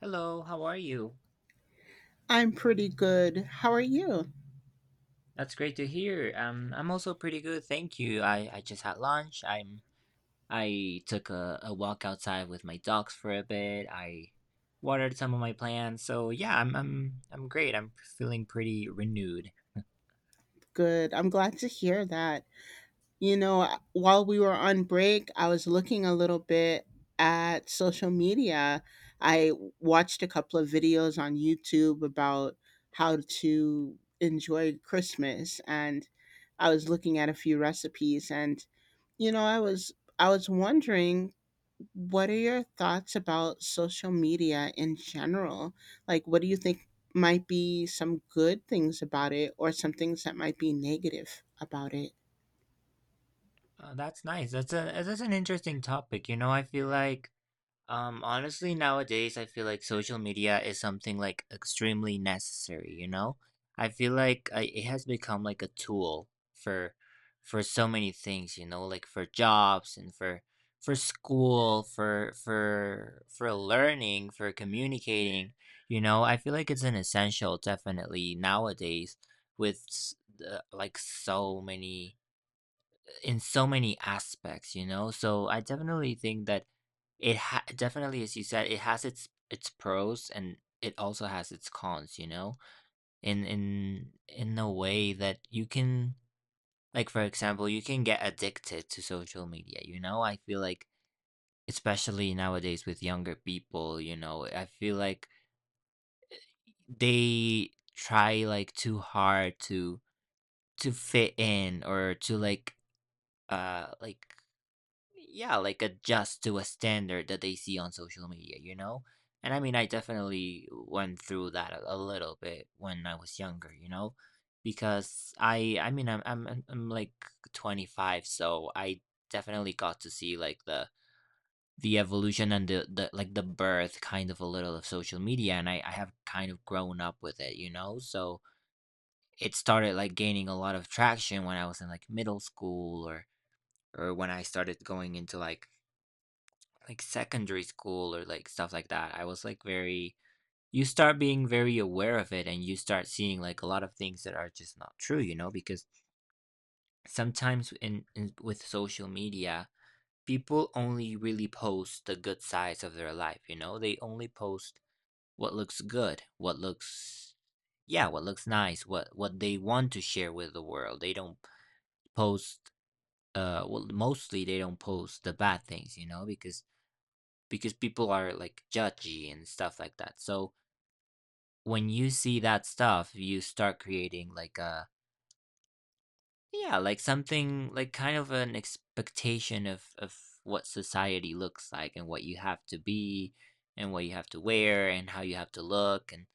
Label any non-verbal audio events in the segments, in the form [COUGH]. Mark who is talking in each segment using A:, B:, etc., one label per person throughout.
A: Hello, how are you?
B: I'm pretty good. How are you?
A: That's great to hear. I'm also pretty good, thank you. I just had lunch. I'm I took a walk outside with my dogs for a bit. I watered some of my plants. So yeah, I'm great. I'm feeling pretty renewed.
B: Good. I'm glad to hear that. You know, while we were on break, I was looking a little bit at social media. I watched a couple of videos on YouTube about how to enjoy Christmas and I was looking at a few recipes and you know, I was I was wondering. What are your thoughts about social media in general? Like, what do you think might be some good things about it or some things that might be negative about it?
A: That's nice. That's an interesting topic. You know, I feel like honestly, nowadays, I feel like social media is something like extremely necessary, you know? I feel like it has become like a tool for so many things, you know, like for jobs and for school, for learning, for communicating, you know? I feel like it's an essential definitely nowadays with the, like so many in so many aspects, you know? So I definitely think that definitely, as you said, it has its pros and it also has its cons, you know? In a way that you can like for example, you can get addicted to social media, you know? I feel like especially nowadays with younger people, you know, I feel like they try like too hard to fit in or to like uh like yeah, like adjust to a standard that they see on social media, you know? And I mean, I definitely went through that a little bit when I was younger, you know? Because I mean, I'm like 25, so I definitely got to see like the evolution and the like the birth kind of a little of social media and I have kind of grown up with it, you know? So it started like gaining a lot of traction when I was in like middle school or when I started going into like secondary school or like stuff like that, I was like very you start being very aware of it and you start seeing like a lot of things that are just not true, you know, because sometimes in with social media, people only really post the good sides of their life, you know? They only post what looks good, what looks yeah, what looks nice, what they want to share with the world. They don't post well mostly they don't post the bad things, you know, because people are like judgy and stuff like that. So when you see that stuff, you start creating like a yeah, like something like kind of an expectation of what society looks like and what you have to be and what you have to wear and how you have to look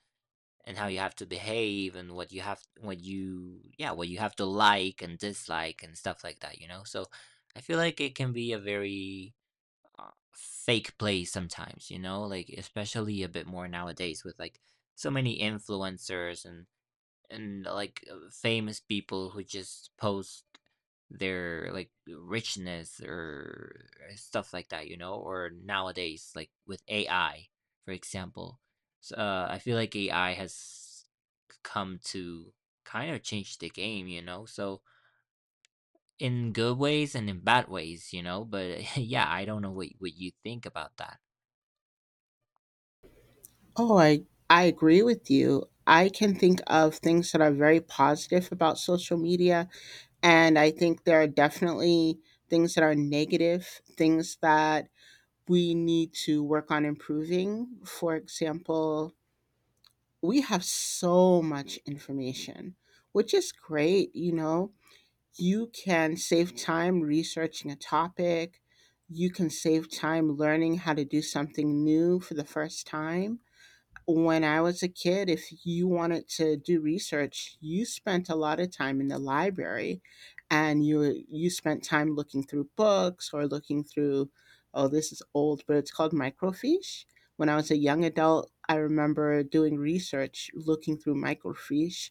A: and how you have to behave and what you have what you yeah, what you have to like and dislike and stuff like that, you know? So I feel like it can be a very fake plays sometimes, you know, like especially a bit more nowadays with like so many influencers and like famous people who just post their like richness or stuff like that, you know, or nowadays like with AI, for example. So, I feel like AI has come to kind of change the game, you know. So in good ways and in bad ways, you know. But [LAUGHS] yeah, I don't know what you think about that.
B: Oh, I, I agree with you. I can think of things that are very positive about social media. And I think there are definitely things that are negative, things that we need to work on improving. For example, we have so much information, which is great. You know, you can save time researching a topic, you can save time learning how to do something new for the first time. When I was a kid, if you wanted to do research, you spent a lot of time in the library, and you spent time looking through books or looking through. Oh, this is old, but it's called microfiche. When I was a young adult, I remember doing research looking through microfiche,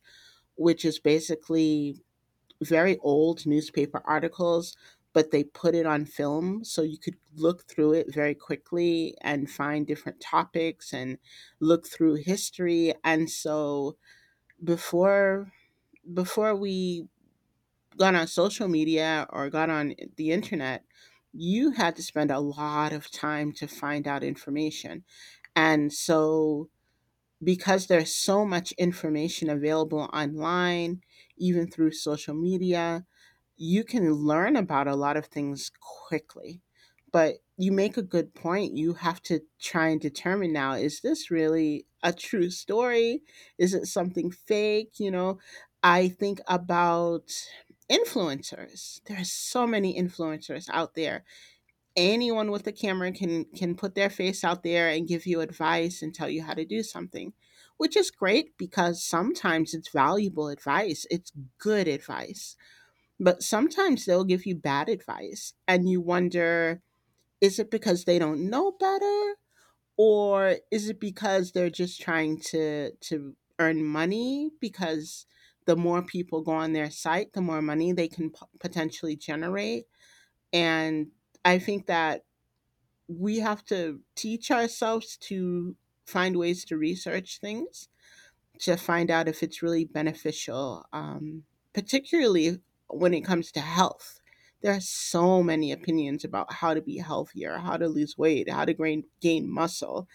B: which is basically very old newspaper articles, but they put it on film. So you could look through it very quickly and find different topics and look through history. And so before before we got on social media or got on the internet, you had to spend a lot of time to find out information. And so because there's so much information available online, even through social media, you can learn about a lot of things quickly. But you make a good point. You have to try and determine now, is this really a true story? Is it something fake? You know, I think about influencers. There are so many influencers out there. Anyone with a camera can put their face out there and give you advice and tell you how to do something, which is great because sometimes it's valuable advice, it's good advice, but sometimes they'll give you bad advice and you wonder, is it because they don't know better or is it because they're just trying to earn money because the more people go on their site, the more money they can p- potentially generate. And I think that we have to teach ourselves to find ways to research things, to find out if it's really beneficial, particularly when it comes to health. There are so many opinions about how to be healthier, how to lose weight, how to gain muscle.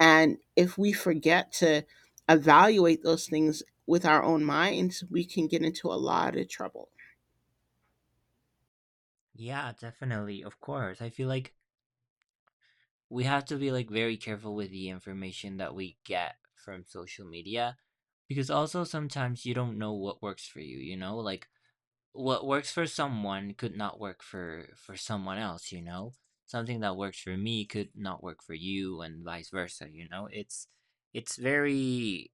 B: And if we forget to evaluate those things with our own minds, we can get into a lot of trouble.
A: Yeah, definitely. Of course. I feel like we have to be like very careful with the information that we get from social media because also sometimes you don't know what works for you, you know? Like what works for someone could not work for someone else, you know? Something that works for me could not work for you and vice versa, you know? It's very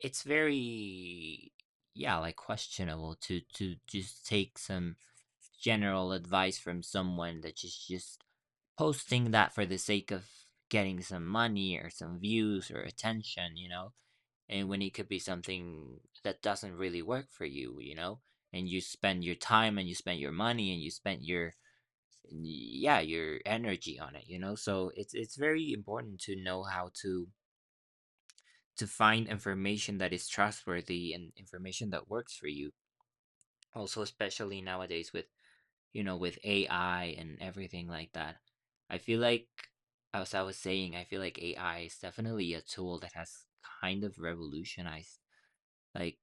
A: it's very yeah, like questionable to just take some general advice from someone that is just posting that for the sake of getting some money or some views or attention, you know, and when it could be something that doesn't really work for you, you know, and you spend your time and you spend your money and you spend your yeah your energy on it you know so it's very important to know how to find information that is trustworthy and information that works for you also especially nowadays with you know, with AI and everything like that. I feel like, as I was saying, I feel like AI is definitely a tool that has kind of revolutionized, like,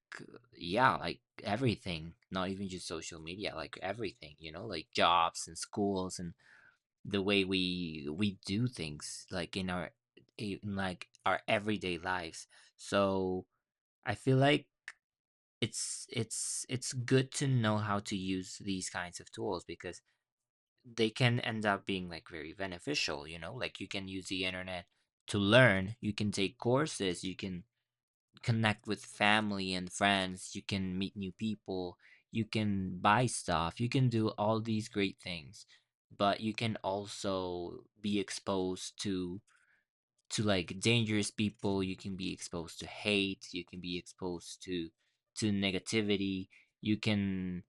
A: yeah, like everything, not even just social media, like everything, you know, like jobs and schools and the way we do things, like in our in like our everyday lives. So I feel like it's good to know how to use these kinds of tools because they can end up being like very beneficial, you know, like you can use the internet to learn, you can take courses, you can connect with family and friends, you can meet new people, you can buy stuff, you can do all these great things, but you can also be exposed to like dangerous people you can be exposed to hate you can be exposed to negativity you can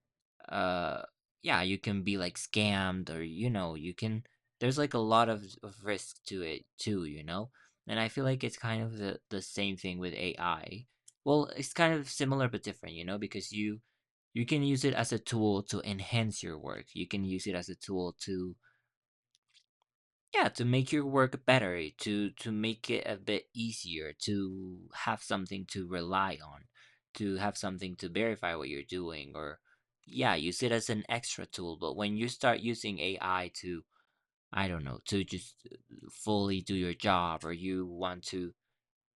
A: uh yeah you can be like scammed or you know you can there's like a lot of risk to it too you know and I feel like it's kind of the same thing with ai well it's kind of similar but different you know because you can use it as a tool to enhance your work you can use it as a tool to yeah, to make your work better, to make it a bit easier, to have something to rely on, to have something to verify what you're doing, or yeah, use it as an extra tool. But when you start using AI to, I don't know, to just fully do your job, or you want to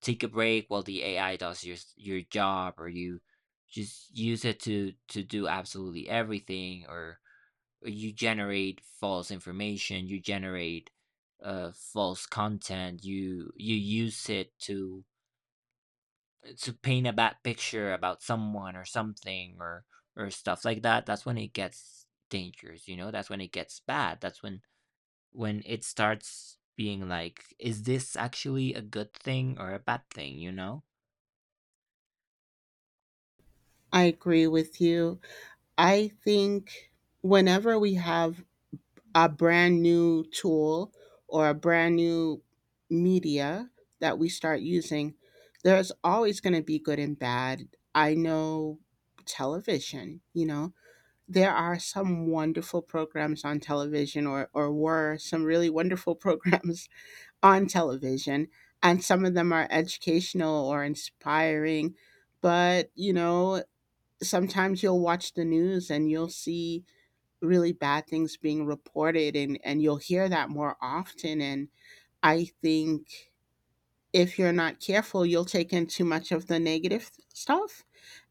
A: take a break while the AI does your your job, or you just use it to do absolutely everything, or you generate false information you generate false content you you use it to paint a bad picture about someone or something or stuff like that that's when it gets dangerous you know that's when it gets bad that's when it starts being like is this actually a good thing or a bad thing you know
B: I agree with you. I think whenever we have a brand new tool or a brand new media that we start using, there's always going to be good and bad. I know television, you know, there are some wonderful programs on television, or were some really wonderful [LAUGHS] programs on television. And some of them are educational or inspiring. But, you know, sometimes you'll watch the news and you'll see really bad things being reported, and you'll hear that more often. And I think if you're not careful, you'll take in too much of the negative stuff,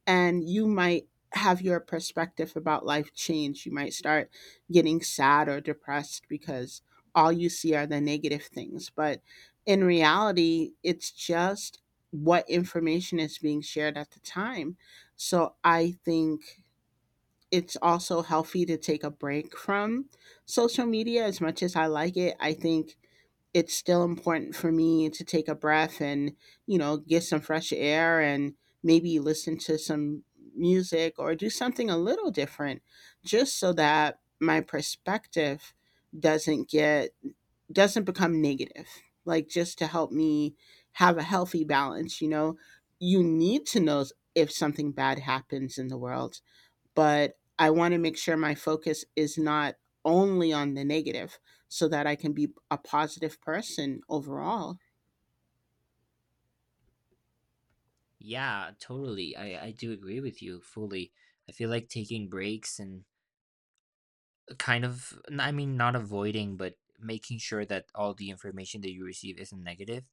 B: and you might have your perspective about life change. You might start getting sad or depressed because all you see are the negative things, but in reality, it's just what information is being shared at the time. So I think it's also healthy to take a break from social media. As much as I like it, I think it's still important for me to take a breath and, you know, get some fresh air and maybe listen to some music or do something a little different, just so that my perspective doesn't get doesn't become negative. Like, just to help me have a healthy balance, you know. You need to know if something bad happens in the world, but I want to make sure my focus is not only on the negative so that I can be a positive person overall.
A: yeah totally I do agree with you fully I feel like taking breaks and Kind of, n I mean, not avoiding, but making sure that all the information that you receive isn't negative.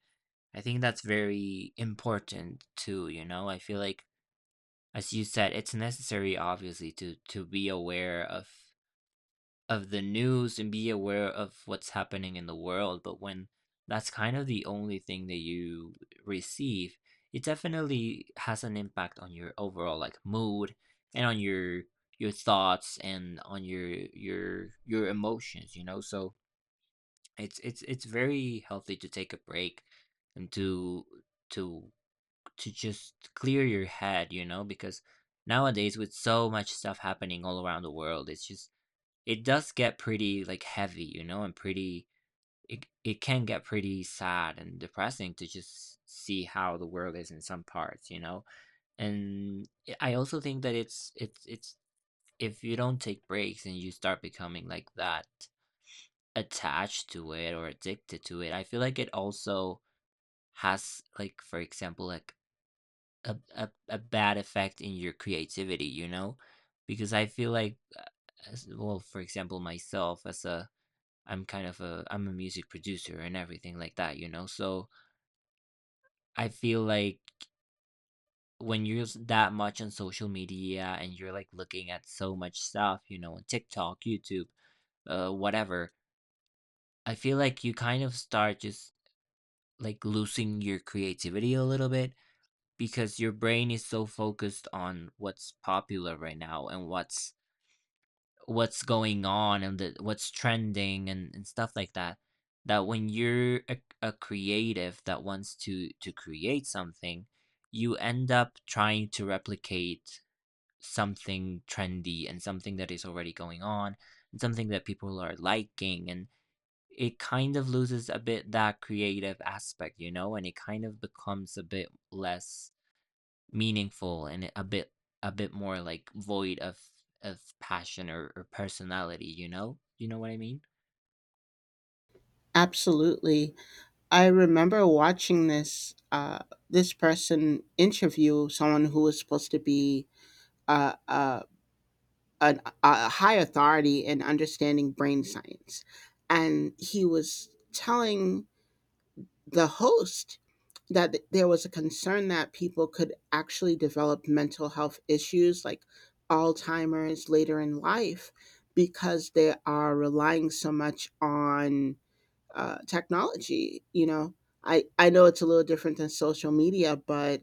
A: I think that's very important too, you know? I feel like, as you said, it's necessary obviously to be aware of the news and be aware of what's happening in the world, but when that's kind of the only thing that you receive, it definitely has an impact on your overall like mood and on your thoughts and on your emotions, you know? So it's very healthy to take a break and to to just clear your head, you know, because nowadays with so much stuff happening all around the world, it's just it does get pretty, like, heavy, you know, and pretty it can get pretty sad and depressing to just see how the world is in some parts, you know? And I also think that it's if you don't take breaks and you start becoming like that attached to it or addicted to it, I feel like it also has like, for example, like a bad effect in your creativity, you know? Because I feel like, as well, for example, myself as a I'm kind of a I'm a music producer and everything like that, you know. So I feel like when you're that much on social media and you're like looking at so much stuff, you know, on TikTok, YouTube, whatever, I feel like you kind of start just like losing your creativity a little bit because your brain is so focused on what's popular right now and what's going on and what's trending and stuff like that, that when you're a creative that wants to create something. You end up trying to replicate something trendy and something that is already going on and something that people are liking, and it kind of loses a bit that creative aspect, you know, and it kind of becomes a bit less meaningful and a bit more like void of passion or personality, you know what I mean?
B: Absolutely. I remember watching this this person interview someone who was supposed to be uh, uh, a high authority in understanding brain science. And he was telling the host that th- there was a concern that people could actually develop mental health issues like Alzheimer's later in life because they are relying so much on technology. I know it's a little different than social media, but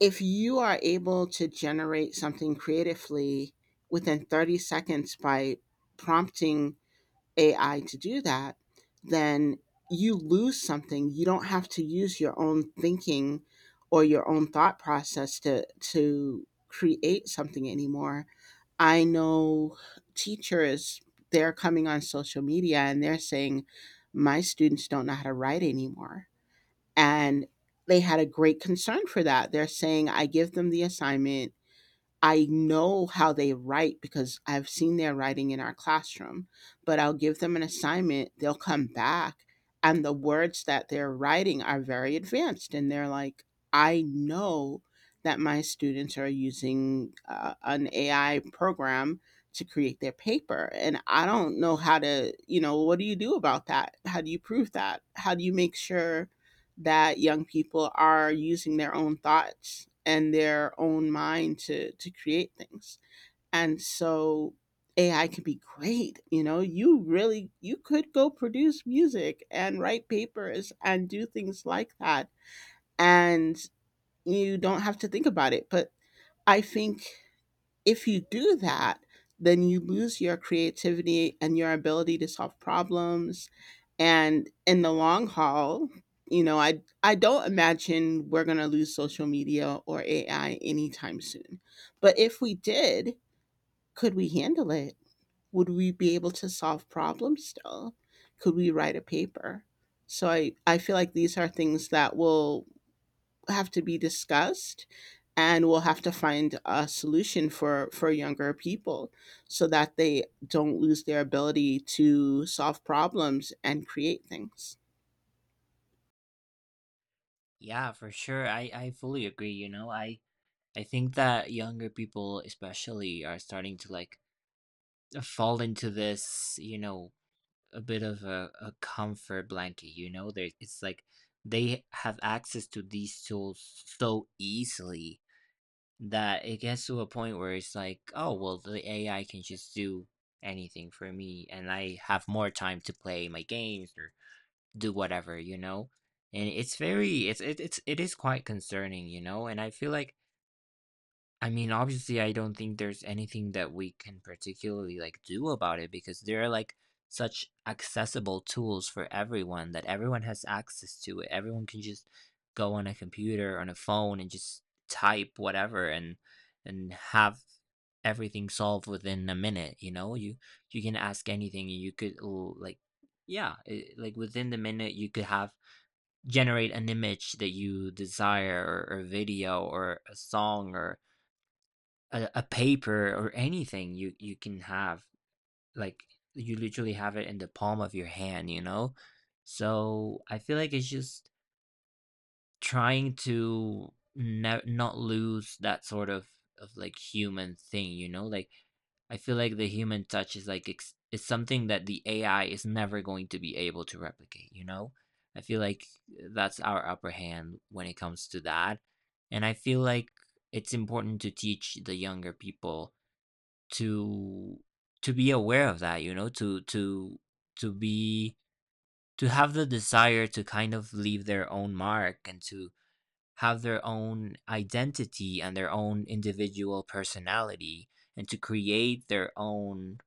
B: if you are able to generate something creatively within 30 seconds by prompting AI to do that, then you lose something. You don't have to use your own thinking or your own thought process to create something anymore. I know teachers, they're coming on social media and they're saying my students don't know how to write anymore. And they had a great concern for that. They're saying, I give them the assignment, I know how they write because I've seen their writing in our classroom, but I'll give them an assignment, they'll come back, and the words that they're writing are very advanced. And they're like, I know that my students are using an AI program to create their paper. And I don't know how to, you know, what do you do about that? How do you prove that? How do you make sure that young people are using their own thoughts and their own mind to create things? And so AI can be great, you know. You really, you could go produce music and write papers and do things like that, and you don't have to think about it. But I think if you do that, then you lose your creativity and your ability to solve problems. And in the long haul, you know, I don't imagine we're gonna lose social media or AI anytime soon. But if we did, could we handle it? Would we be able to solve problems still? Could we write a paper? So I feel like these are things that will have to be discussed, and we'll have to find a solution for younger people so that they don't lose their ability to solve problems and create things.
A: Yeah, for sure, I fully agree, you know. I think that younger people especially are starting to like fall into this, you know, a bit of a comfort blanket, you know. There, it's like they have access to these tools so easily that it gets to a point where it's like, oh, well, the AI can just do anything for me, and I have more time to play my games or do whatever, you know? And it's very, it's, it is quite concerning, you know. And I feel like, I mean, obviously, I don't think there's anything that we can particularly like do about it because there are like such accessible tools for everyone that everyone has access to it. Everyone can just go on a computer, on a phone, and just type whatever and have everything solved within a minute. You know, you can ask anything, and you could like, yeah, it, like within the minute, you could have generate an image that you desire, or a video or a song or a paper or anything you can have, like, you literally have it in the palm of your hand, you know. So I feel like it's just trying to not lose that sort of like human thing, you know. Like I feel like the human touch is like is something that the AI is never going to be able to replicate, you know. I feel like that's our upper hand when it comes to that. And I feel like it's important to teach the younger people to be aware of that, you know, to be to have the desire to kind of leave their own mark and to have their own identity and their own individual personality and to create their own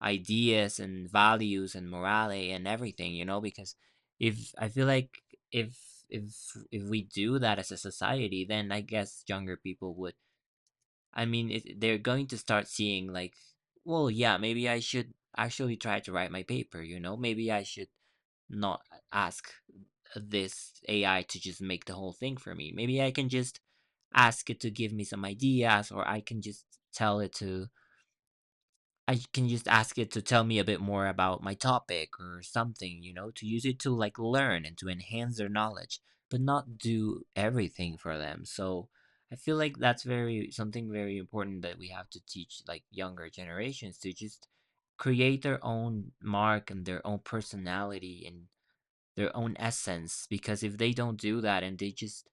A: ideas and values and morale and everything, you know. Because if I feel like if if we do that as a society, then I guess younger people would, I mean, they're going to start seeing like, well, yeah, maybe I should actually try to write my paper, you know? Maybe I should not ask this AI to just make the whole thing for me. Maybe I can just ask it to give me some ideas, or tell it to I can just ask it to tell me a bit more about my topic or something, you know, to use it to like learn and to enhance their knowledge, but not do everything for them. So I feel like that's very something very important that we have to teach like younger generations to just create their own mark and their own personality and their own essence. Because if they don't do that and they just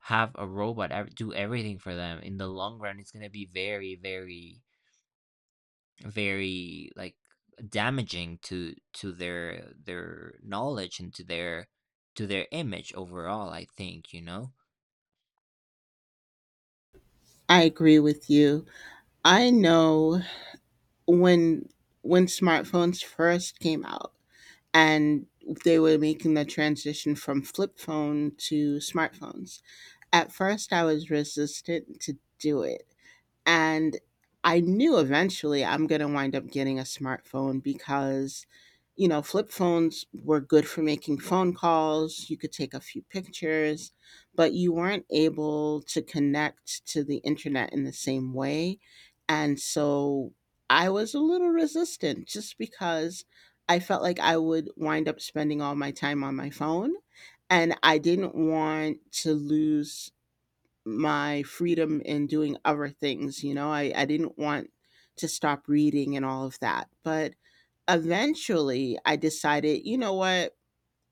A: have a robot do everything for them in the long run, it's going to be very, very, very like damaging to their knowledge and to their image overall, I think, you know.
B: I agree with you. I know when smartphones first came out and they were making the transition from flip phone to smartphones, at first I was resistant to do it. And I knew eventually I'm going to wind up getting a smartphone because, you know, flip phones were good for making phone calls. You could take a few pictures, but you weren't able to connect to the internet in the same way. And so I was a little resistant just because I felt like I would wind up spending all my time on my phone, and I didn't want to lose my freedom in doing other things. You know, I didn't want to stop reading and all of that. But eventually I decided, you know what?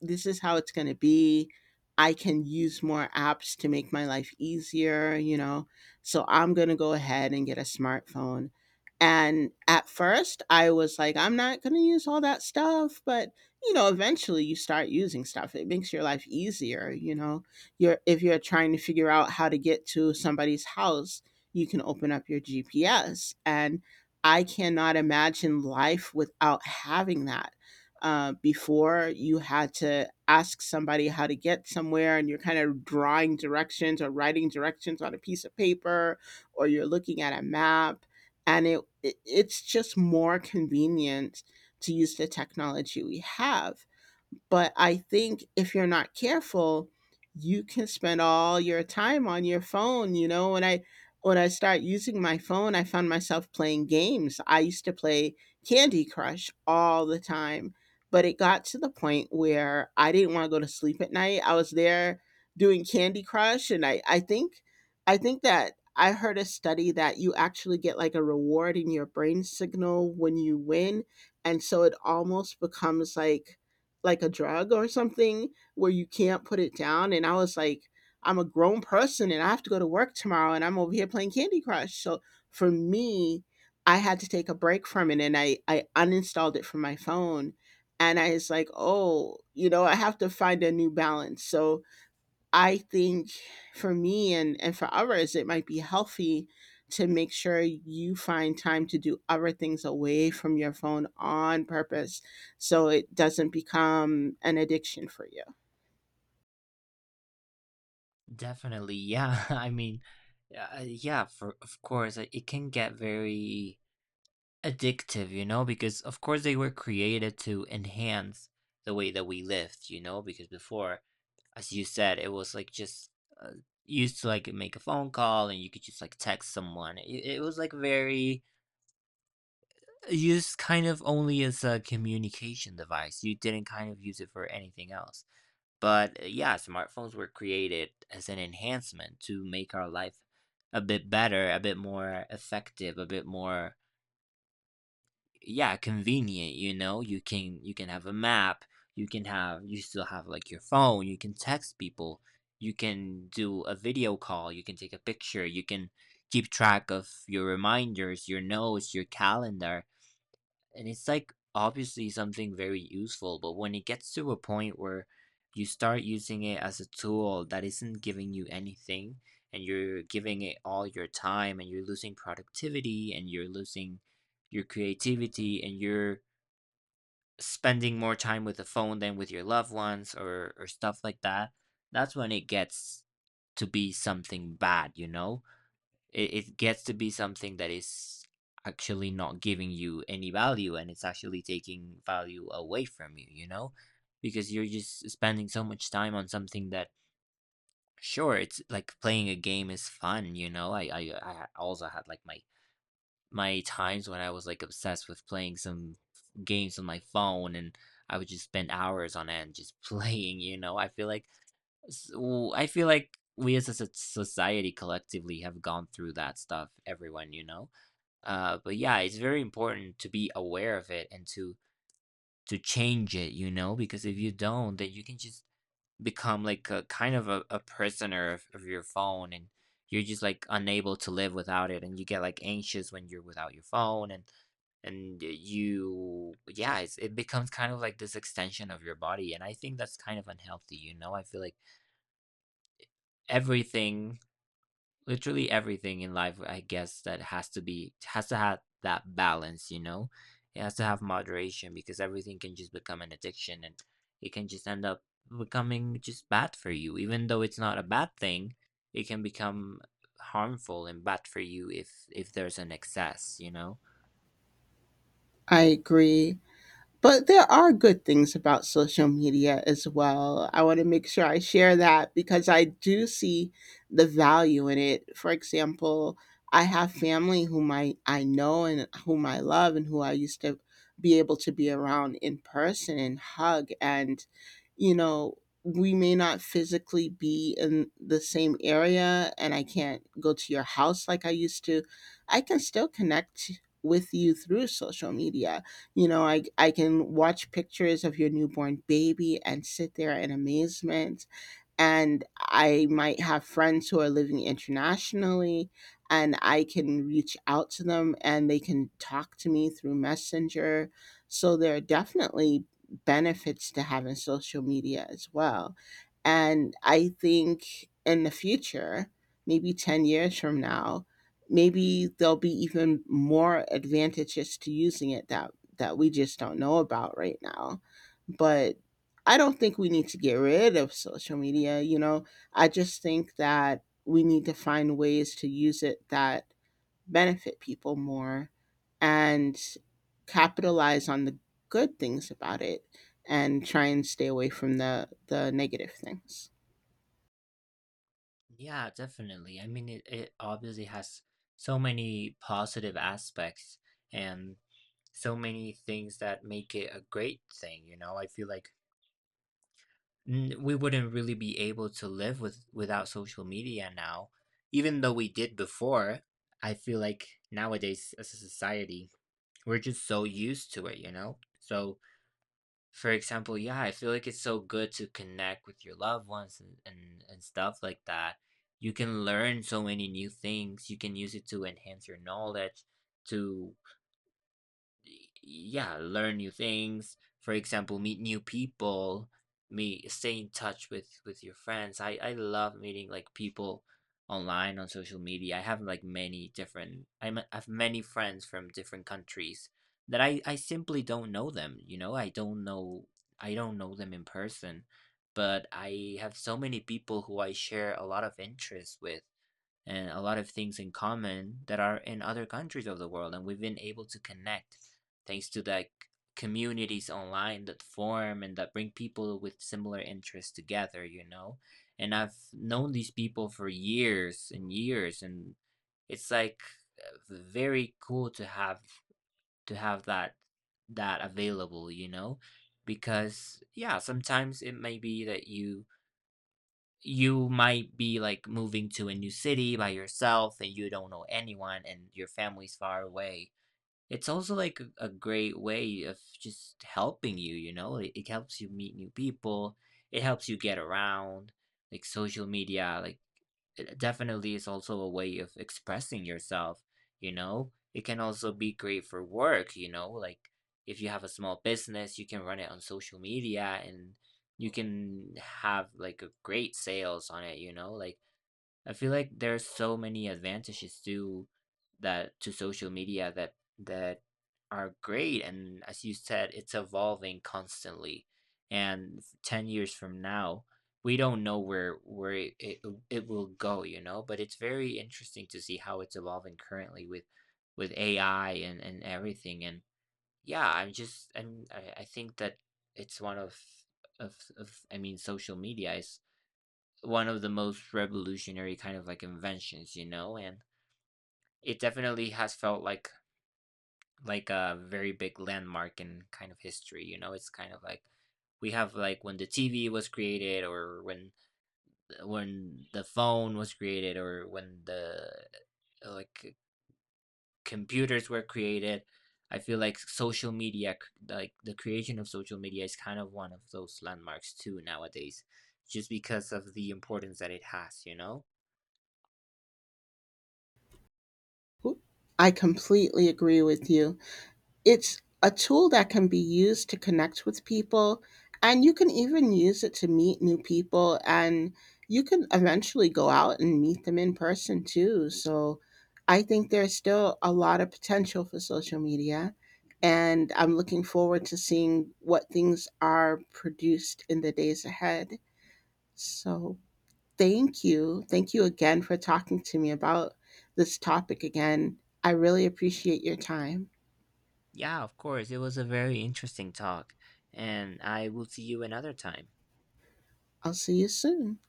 B: This is how it's going to be. I can use more apps to make my life easier, you know. So I'm going to go ahead and get a smartphone. And at first, I was like, I'm not going to use all that stuff. But, you know, eventually you start using stuff. It makes your life easier, you know. If you're trying to figure out how to get to somebody's house, you can open up your GPS. And I cannot imagine life without having that. Before, you had to ask somebody how to get somewhere, and you're kind of drawing directions or writing directions on a piece of paper, or you're looking at a map, and it's just more convenient to use the technology we have. But I think if you're not careful, you can spend all your time on your phone. You know, when I start using my phone, I found myself playing games. I used to play Candy Crush all the time, but it got to the point where I didn't want to go to sleep at night. I was there doing Candy Crush, and I think that I heard a study that you actually get like a reward in your brain signal when you win, and so it almost becomes like a drug or something where you can't put it down. And I was like, I'm a grown person and I have to go to work tomorrow and I'm over here playing Candy Crush. So for me, I had to take a break from it, and I uninstalled it from my phone. And I was like, oh, you know, I have to find a new balance. So I think for me and for others, it might be healthy to make sure you find time to do other things away from your phone on purpose so it doesn't become an addiction for you.
A: Definitely, yeah. [LAUGHS] I mean, yeah, for of course, it can get very addictive, you know, because of course they were created to enhance the way that we lived, you know. Because before, as you said, it was like just uh, used to like make a phone call, and you could just like text someone. It was like very used kind of only as a communication device. You didn't kind of use it for anything else. But yeah, smartphones were created as an enhancement to make our life a bit better, a bit more effective, a bit more, yeah, convenient, you know? You can have a map, you still have like your phone, you can text people, you can do a video call, you can take a picture, you can keep track of your reminders, your notes, your calendar, and it's like obviously something very useful. But when it gets to a point where you start using it as a tool that isn't giving you anything, and you're giving it all your time, and you're losing productivity, and you're losing your creativity, and you're spending more time with the phone than with your loved ones, or stuff like that, that's when it gets to be something bad, you know? It gets to be something that is actually not giving you any value and it's actually taking value away from you, you know. Because you're just spending so much time on something that, sure, it's like playing a game is fun, you know. I also had like my times when I was like obsessed with playing some games on my phone, and I would just spend hours on end just [LAUGHS] playing, you know. I feel like, so I feel like we as a society collectively have gone through that stuff, everyone, you know. But yeah, it's very important to be aware of it and to change it, you know, because if you don't, then you can just become like a kind of a prisoner of your phone, and you're just like unable to live without it, and you get like anxious when you're without your phone, and you, yeah, it becomes kind of like this extension of your body, and I think that's kind of unhealthy, you know. I feel like everything, literally everything in life, I guess, that has to be, has to have that balance, you know. It has to have moderation because everything can just become an addiction, and it can just end up becoming just bad for you, even though it's not a bad thing. It can become harmful and bad for you if there's an excess, you know.
B: I agree. But there are good things about social media as well. I want to make sure I share that because I do see the value in it. For example, I have family whom I know and whom I love and who I used to be able to be around in person and hug. And, you know, we may not physically be in the same area and I can't go to your house like I used to. I can still connect with you through social media. You know, I can watch pictures of your newborn baby and sit there in amazement, and I might have friends who are living internationally and I can reach out to them and they can talk to me through Messenger. So there are definitely benefits to having social media as well. And I think in the future, maybe 10 years from now, maybe there'll be even more advantages to using it, that we just don't know about right now. But I don't think we need to get rid of social media, you know. I just think that we need to find ways to use it that benefit people more and capitalize on the good things about it, and try and stay away from the negative things.
A: Yeah, definitely. I mean, it obviously has so many positive aspects and so many things that make it a great thing, you know. I feel like, we wouldn't really be able to live without social media now, even though we did before. I feel like nowadays as a society, we're just so used to it, you know. So for example, yeah, I feel like it's so good to connect with your loved ones and and stuff like that. You can learn so many new things, you can use it to enhance your knowledge, to, yeah, learn new things. For example, meet new people, meet stay in touch with your friends. I love meeting like people online on social media. I have like I have many friends from different countries that I simply don't know them, you know. I don't know them in person, but I have so many people who I share a lot of interests with and a lot of things in common that are in other countries of the world, and we've been able to connect thanks to like communities online that form and that bring people with similar interests together, you know. And I've known these people for years and years. And it's like, very cool to have that that available, you know. Because, yeah, sometimes it may be that you might be like moving to a new city by yourself and you don't know anyone and your family's far away. It's also like a great way of just helping you, you know. It helps you meet new people, it helps you get around. Like social media, like it definitely is also a way of expressing yourself, you know. It can also be great for work, you know. Like if you have a small business, you can run it on social media, and you can have like a great sales on it, you know. Like I feel like there's so many advantages to that, to social media, that are great. And as you said, it's evolving constantly. And 10 years from now, we don't know where it will go, you know. But it's very interesting to see how it's evolving currently with AI and everything. And yeah, I'm just I'm, I think that it's one of, I mean, social media is one of the most revolutionary kind of like inventions, you know, and it definitely has felt like a very big landmark in kind of history, you know. It's kind of like we have, like when the TV was created, or when the phone was created, or when the like computers were created. I feel like social media, like the creation of social media is kind of one of those landmarks too nowadays, just because of the importance that it has, you know?
B: Oop. I completely agree with you. It's a tool that can be used to connect with people, and you can even use it to meet new people, and you can eventually go out and meet them in person too. So I think there's still a lot of potential for social media, and I'm looking forward to seeing what things are produced in the days ahead. So thank you. Thank you again for talking to me about this topic again. I really appreciate your time.
A: Yeah, of course. It was a very interesting talk, and I will see you another time.
B: I'll see you soon.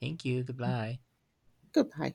A: Thank you. Goodbye.
B: Goodbye.